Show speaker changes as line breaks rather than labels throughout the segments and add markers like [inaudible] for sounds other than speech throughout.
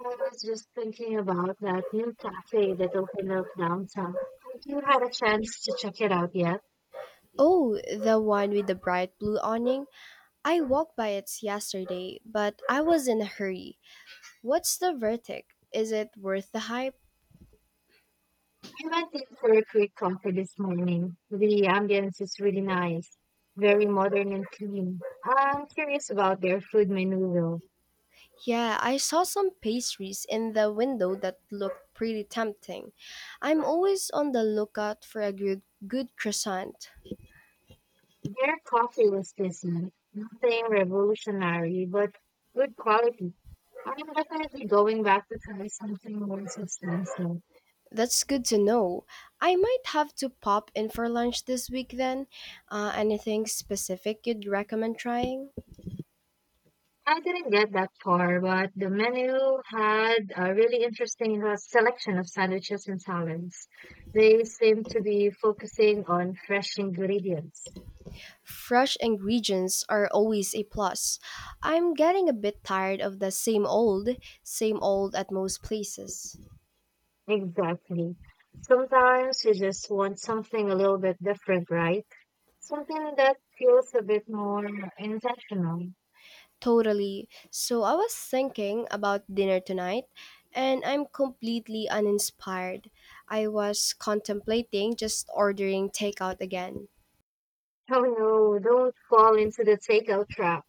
I was just thinking about that new cafe that opened up downtown. Have you had a chance to check it out yet?
Oh, the one with the bright blue awning. I walked by it yesterday, but I was in a hurry. What's the verdict? Is it worth the hype?
I went in for a quick coffee this morning. The ambience is really nice, very modern and clean. I'm curious about their food menu though.
Yeah, I saw some pastries in the window that looked pretty tempting. I'm always on the lookout for a good croissant.
Their coffee was decent, nothing revolutionary, but good quality. I'm definitely going back to try something more substantial.
That's good to know. I might have to pop in for lunch this week then. Anything specific you'd recommend trying?
I didn't get that far, but the menu had a really interesting selection of sandwiches and salads. They seem to be focusing on fresh ingredients.
Fresh ingredients are always a plus. I'm getting a bit tired of the same old at most places.
Exactly. Sometimes you just want something a little bit different, right? Something that feels a bit more intentional.
Totally. So I was thinking about dinner tonight and I'm completely uninspired. I was contemplating just ordering takeout again.
Oh no, don't fall into the takeout trap.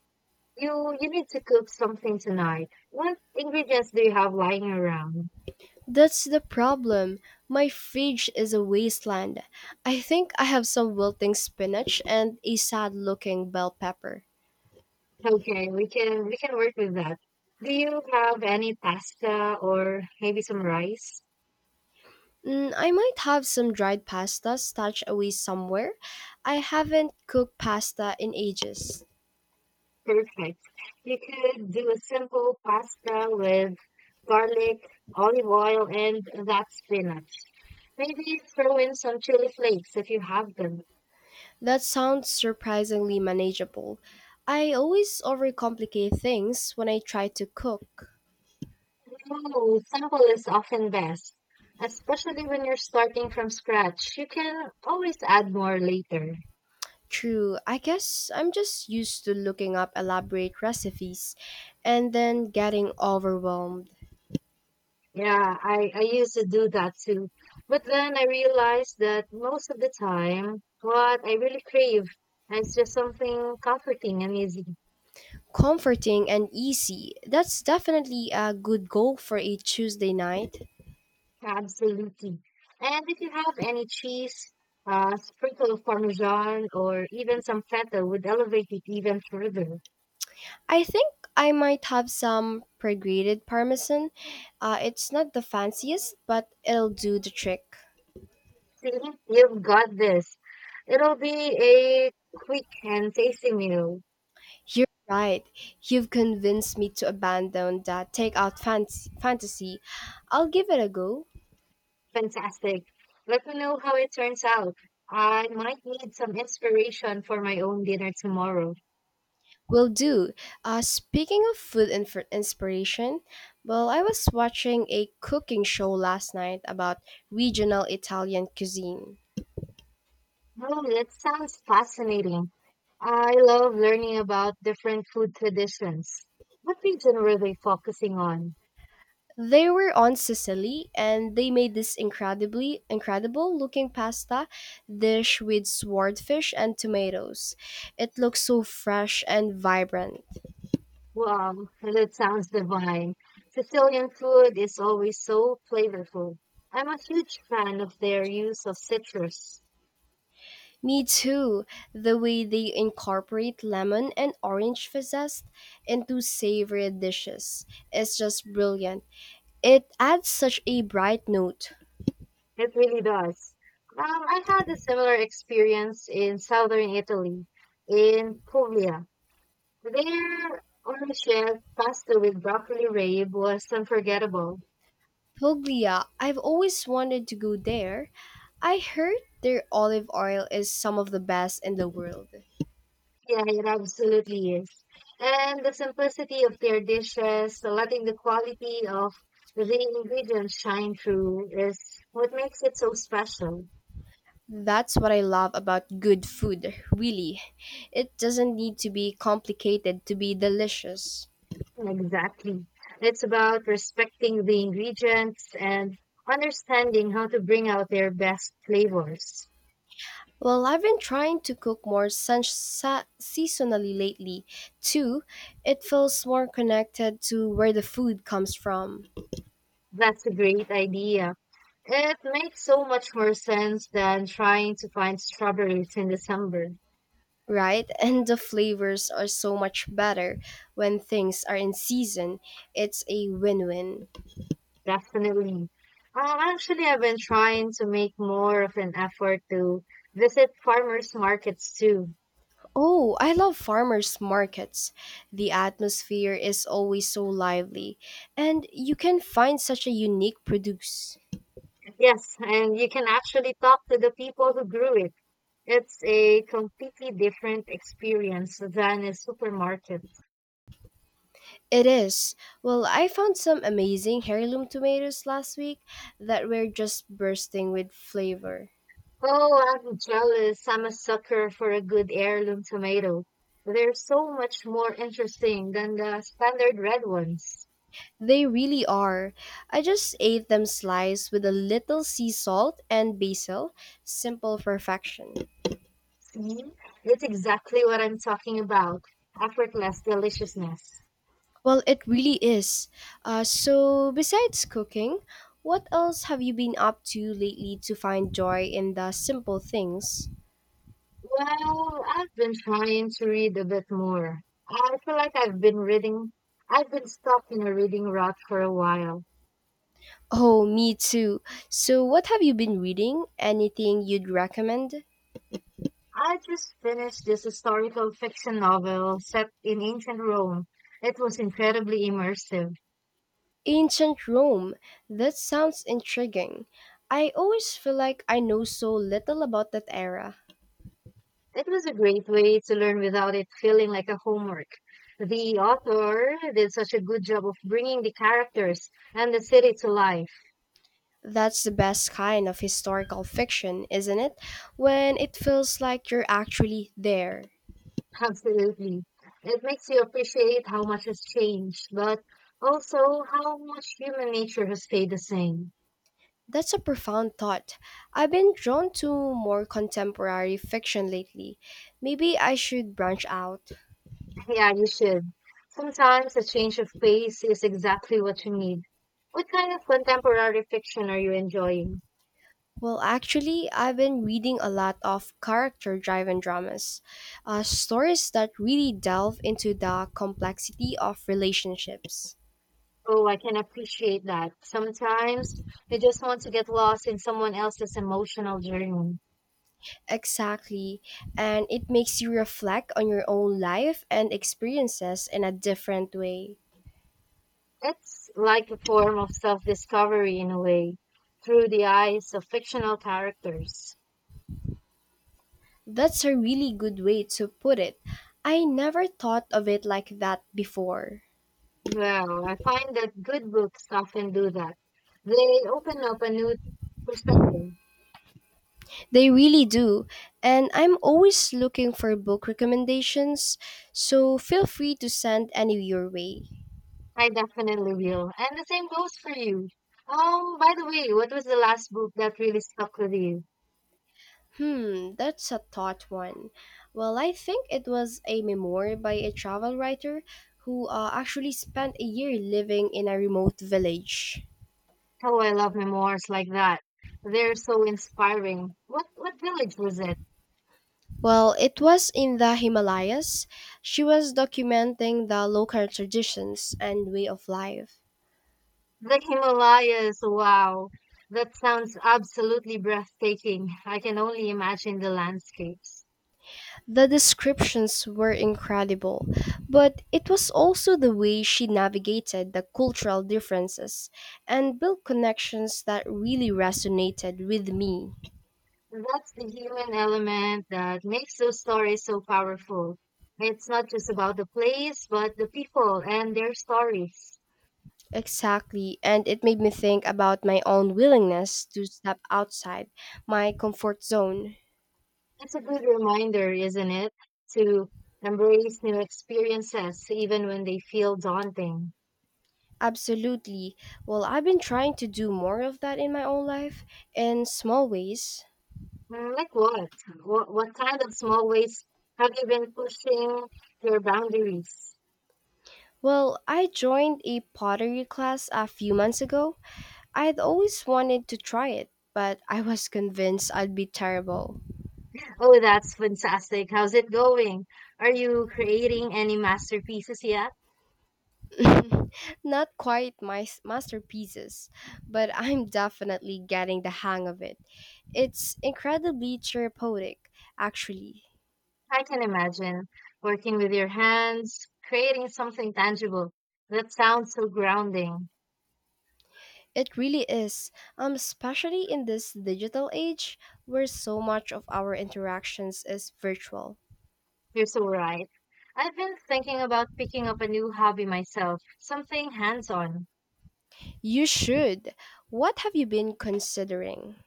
You need to cook something tonight. What ingredients do you have lying around?
That's the problem. My fridge is a wasteland. I think I have some wilting spinach and a sad looking bell pepper.
Okay, we can work with that. Do you have any pasta or maybe some rice?
Mm, I might have some dried pasta stashed away somewhere. I haven't cooked pasta in ages.
Perfect. You could do a simple pasta with garlic, olive oil, and that spinach. Maybe throw in some chili flakes if you have them.
That sounds surprisingly manageable. I always overcomplicate things when I try to cook.
Oh, simple is often best, especially when you're starting from scratch. You can always add more later.
True, I guess I'm just used to looking up elaborate recipes and then getting overwhelmed.
Yeah, I used to do that too. But then I realized that most of the time, what I really crave is just something comforting and easy.
Comforting and easy. That's definitely a good goal for a Tuesday night.
Absolutely. And if you have any cheese, a sprinkle of Parmesan, or even some feta would elevate it even further.
I think I might have some pre-grated parmesan. It's not the fanciest, but it'll do the trick.
See, you've got this. It'll be a quick and tasty meal.
You're right. You've convinced me to abandon that fantasy. I'll give it a go.
Fantastic. Let me know how it turns out. I might need some inspiration for my own dinner tomorrow.
Will do. Speaking of food and for inspiration, well, I was watching a cooking show last night about regional Italian cuisine.
Oh, that sounds fascinating. I love learning about different food traditions. What region were they focusing on?
They were on Sicily and they made this incredibly incredible looking pasta dish with swordfish and tomatoes. It looks so fresh and vibrant.
Wow, that sounds divine. Sicilian food is always so flavorful. I'm a huge fan of their use of citrus.
Me too. The way they incorporate lemon and orange zest into savory dishes is just brilliant. It adds such a bright note.
It really does. I had a similar experience in southern Italy, in Puglia. Their ownership pasta with broccoli rabe was unforgettable.
Puglia, I've always wanted to go there. I heard their olive oil is some of the best in the world.
Yeah, it absolutely is. And the simplicity of their dishes, letting the quality of the ingredients shine through, is what makes it so special.
That's what I love about good food, really. It doesn't need to be complicated to be delicious.
Exactly. It's about respecting the ingredients and understanding how to bring out their best flavors.
Well, I've been trying to cook more seasonally lately, too. It feels more connected to where the food comes from,
That's a great idea. It makes so much more sense than trying to find strawberries in December.
right? [laughs] And the flavors are so much better when things are in season. It's a win win.
Definitely. Actually, I've been trying to make more of an effort to visit farmers markets too.
Oh, I love farmers markets. The atmosphere is always so lively, and you can find such a unique produce.
Yes, and you can actually talk to the people who grew it. It's a completely different experience than a supermarket.
It is. Well, I found some amazing heirloom tomatoes last week that were just bursting with flavor.
Oh, I'm jealous. I'm a sucker for a good heirloom tomato. They're so much more interesting than the standard red ones.
They really are. I just ate them sliced with a little sea salt and basil, simple perfection.
See, it's exactly what I'm talking about. Effortless deliciousness.
Well, it really is. So, besides cooking, what else have you been up to lately to find joy in the simple things?
Well, I've been trying to read a bit more. I feel like I've been stuck in a reading rut for a while.
Oh, me too. So, what have you been reading? Anything you'd recommend?
I just finished this historical fiction novel set in ancient Rome. It was incredibly immersive.
Ancient Rome. That sounds intriguing. I always feel like I know so little about that era.
It was a great way to learn without it feeling like a homework. The author did such a good job of bringing the characters and the city to life.
That's the best kind of historical fiction, isn't it? When it feels like you're actually there.
Absolutely. It makes you appreciate how much has changed, but also how much human nature has stayed the same.
That's a profound thought. I've been drawn to more contemporary fiction lately. Maybe I should branch out.
Yeah, you should. Sometimes a change of pace is exactly what you need. What kind of contemporary fiction are you enjoying?
Well, actually, I've been reading a lot of character driven dramas, stories that really delve into the complexity of relationships.
Oh, I can appreciate that. Sometimes you just want to get lost in someone else's emotional journey.
Exactly, and it makes you reflect on your own life and experiences in a different way.
It's like a form of self-discovery in a way, through the eyes of fictional characters.
That's a really good way to put it. I never thought of it like that before.
Well, I find that good books often do that. They open up a new perspective.
They really do. And I'm always looking for book recommendations, so feel free to send any your way.
I definitely will. And the same goes for you. By the way, what was the last book that really stuck with you?
Hmm, that's a thought one. Well, I think it was a memoir by a travel writer who actually spent a year living in a remote village.
Oh, I love memoirs like that. They're so inspiring. What village was it?
Well, it was in the Himalayas. She was documenting the local traditions and way of life.
The Himalayas. Wow. That sounds absolutely breathtaking. I can only imagine the landscapes.
The descriptions were incredible, but it was also the way she navigated the cultural differences and built connections that really resonated with me.
That's the human element that makes those stories so powerful. It's not just about the place, but the people and their stories.
Exactly, and it made me think about my own willingness to step outside my comfort zone.
It's a good reminder, isn't it, to embrace new experiences even when they feel daunting.
Absolutely. Well, I've been trying to do more of that in my own life in small ways.
Mm, like what? What kind of small ways have you been pushing your boundaries?
Well, I joined a pottery class a few months ago I'd always wanted to try it, but I was convinced I'd be terrible.
Oh, that's fantastic. How's it going? Are you creating any masterpieces yet?
[laughs] Not quite masterpieces, but I'm definitely getting the hang of it. It's incredibly therapeutic, actually.
I can imagine working with your hands, creating something tangible. That sounds so grounding.
It really is, especially in this digital age where so much of our interactions is virtual.
You're so right. I've been thinking about picking up a new hobby myself, something hands on.
You should. What have you been considering?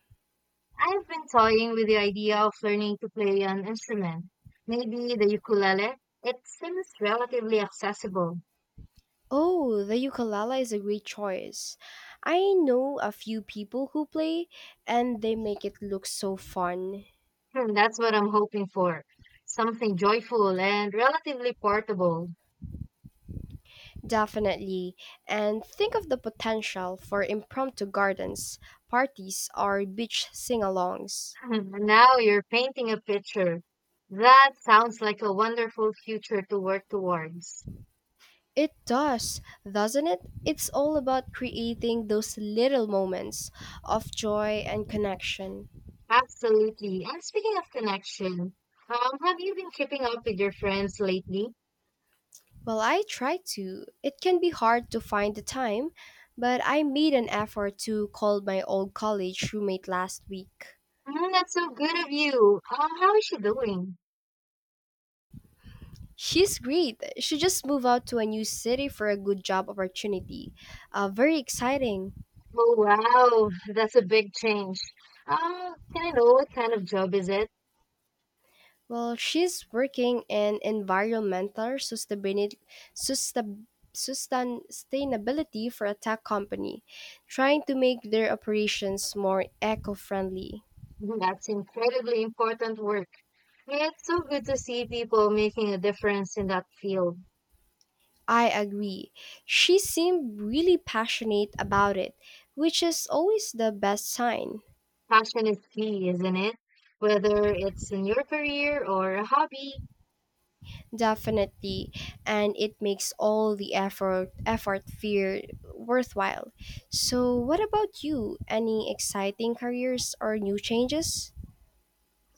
I've been toying with the idea of learning to play an instrument, maybe the ukulele. It seems relatively accessible.
Oh, the ukulele is a great choice. I know a few people who play and they make it look so fun.
Hmm, that's what I'm hoping for. Something joyful and relatively portable.
Definitely. And think of the potential for impromptu gardens, parties, or beach sing alongs.
[laughs] Now you're painting a picture. That sounds like a wonderful future to work towards.
It does, doesn't it? It's all about creating those little moments of joy and connection.
Absolutely. And speaking of connection, have you been keeping up with your friends lately?
Well, I try to. It can be hard to find the time, but I made an effort to call my old college roommate last week.
Mm, that's so good of you. How is she doing?
She's great. She just moved out to a new city for a good job opportunity. Very exciting.
Oh, wow, that's a big change. Can I know what kind of job is it?
Well, she's working in environmental sustain, sustainability for a tech company, trying to make their operations more eco friendly.
Mm, that's incredibly important work. It's so good to see people making a difference in that field.
I agree. She seemed really passionate about it, which is always the best sign.
Passion is key, isn't it? Whether it's in your career or a hobby,
Definitely, and it makes all the effort effort fear worthwhile. So, what about you? Any exciting careers or new changes?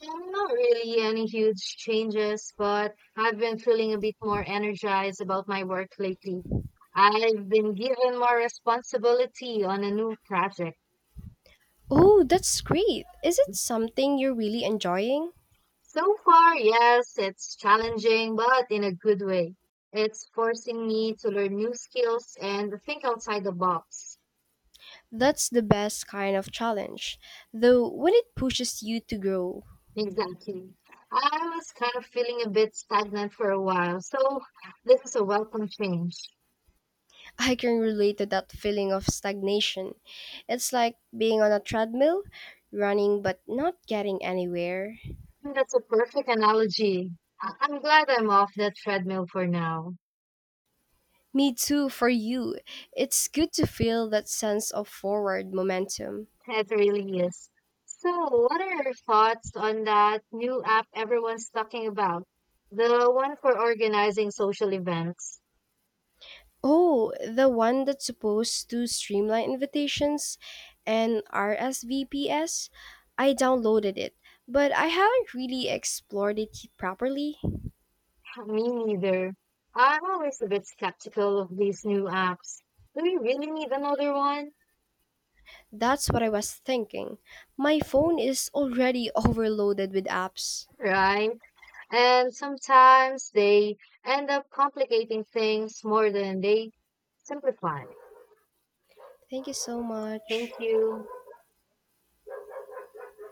Not really any huge changes, but I've been feeling a bit more energized about my work lately. I've been given more responsibility on a new project.
Oh, that's great. Is it something you're really enjoying?
So far, yes, it's challenging, but in a good way. It's forcing me to learn new skills and think outside the box.
That's the best kind of challenge, though, when it pushes you to grow.
Exactly. I was kind of feeling a bit stagnant for a while, so this is a welcome change.
I can relate to that feeling of stagnation. It's like being on a treadmill, running but not getting anywhere.
That's a perfect analogy. I'm glad I'm off the treadmill for now.
Me too, for you. It's good to feel that sense of forward momentum.
It really is. So, what are your thoughts on that new app everyone's talking about? The one for organizing social events?
Oh, the one that's supposed to streamline invitations and RSVPS? I downloaded it, but I haven't really explored it properly.
[laughs] Me neither. I'm always a bit skeptical of these new apps. Do we really need another one?
That's what I was thinking. My phone is already [laughs] overloaded with apps.
Right? And sometimes they end up complicating things more than they simplify.
Thank you so
Thank
much.
you.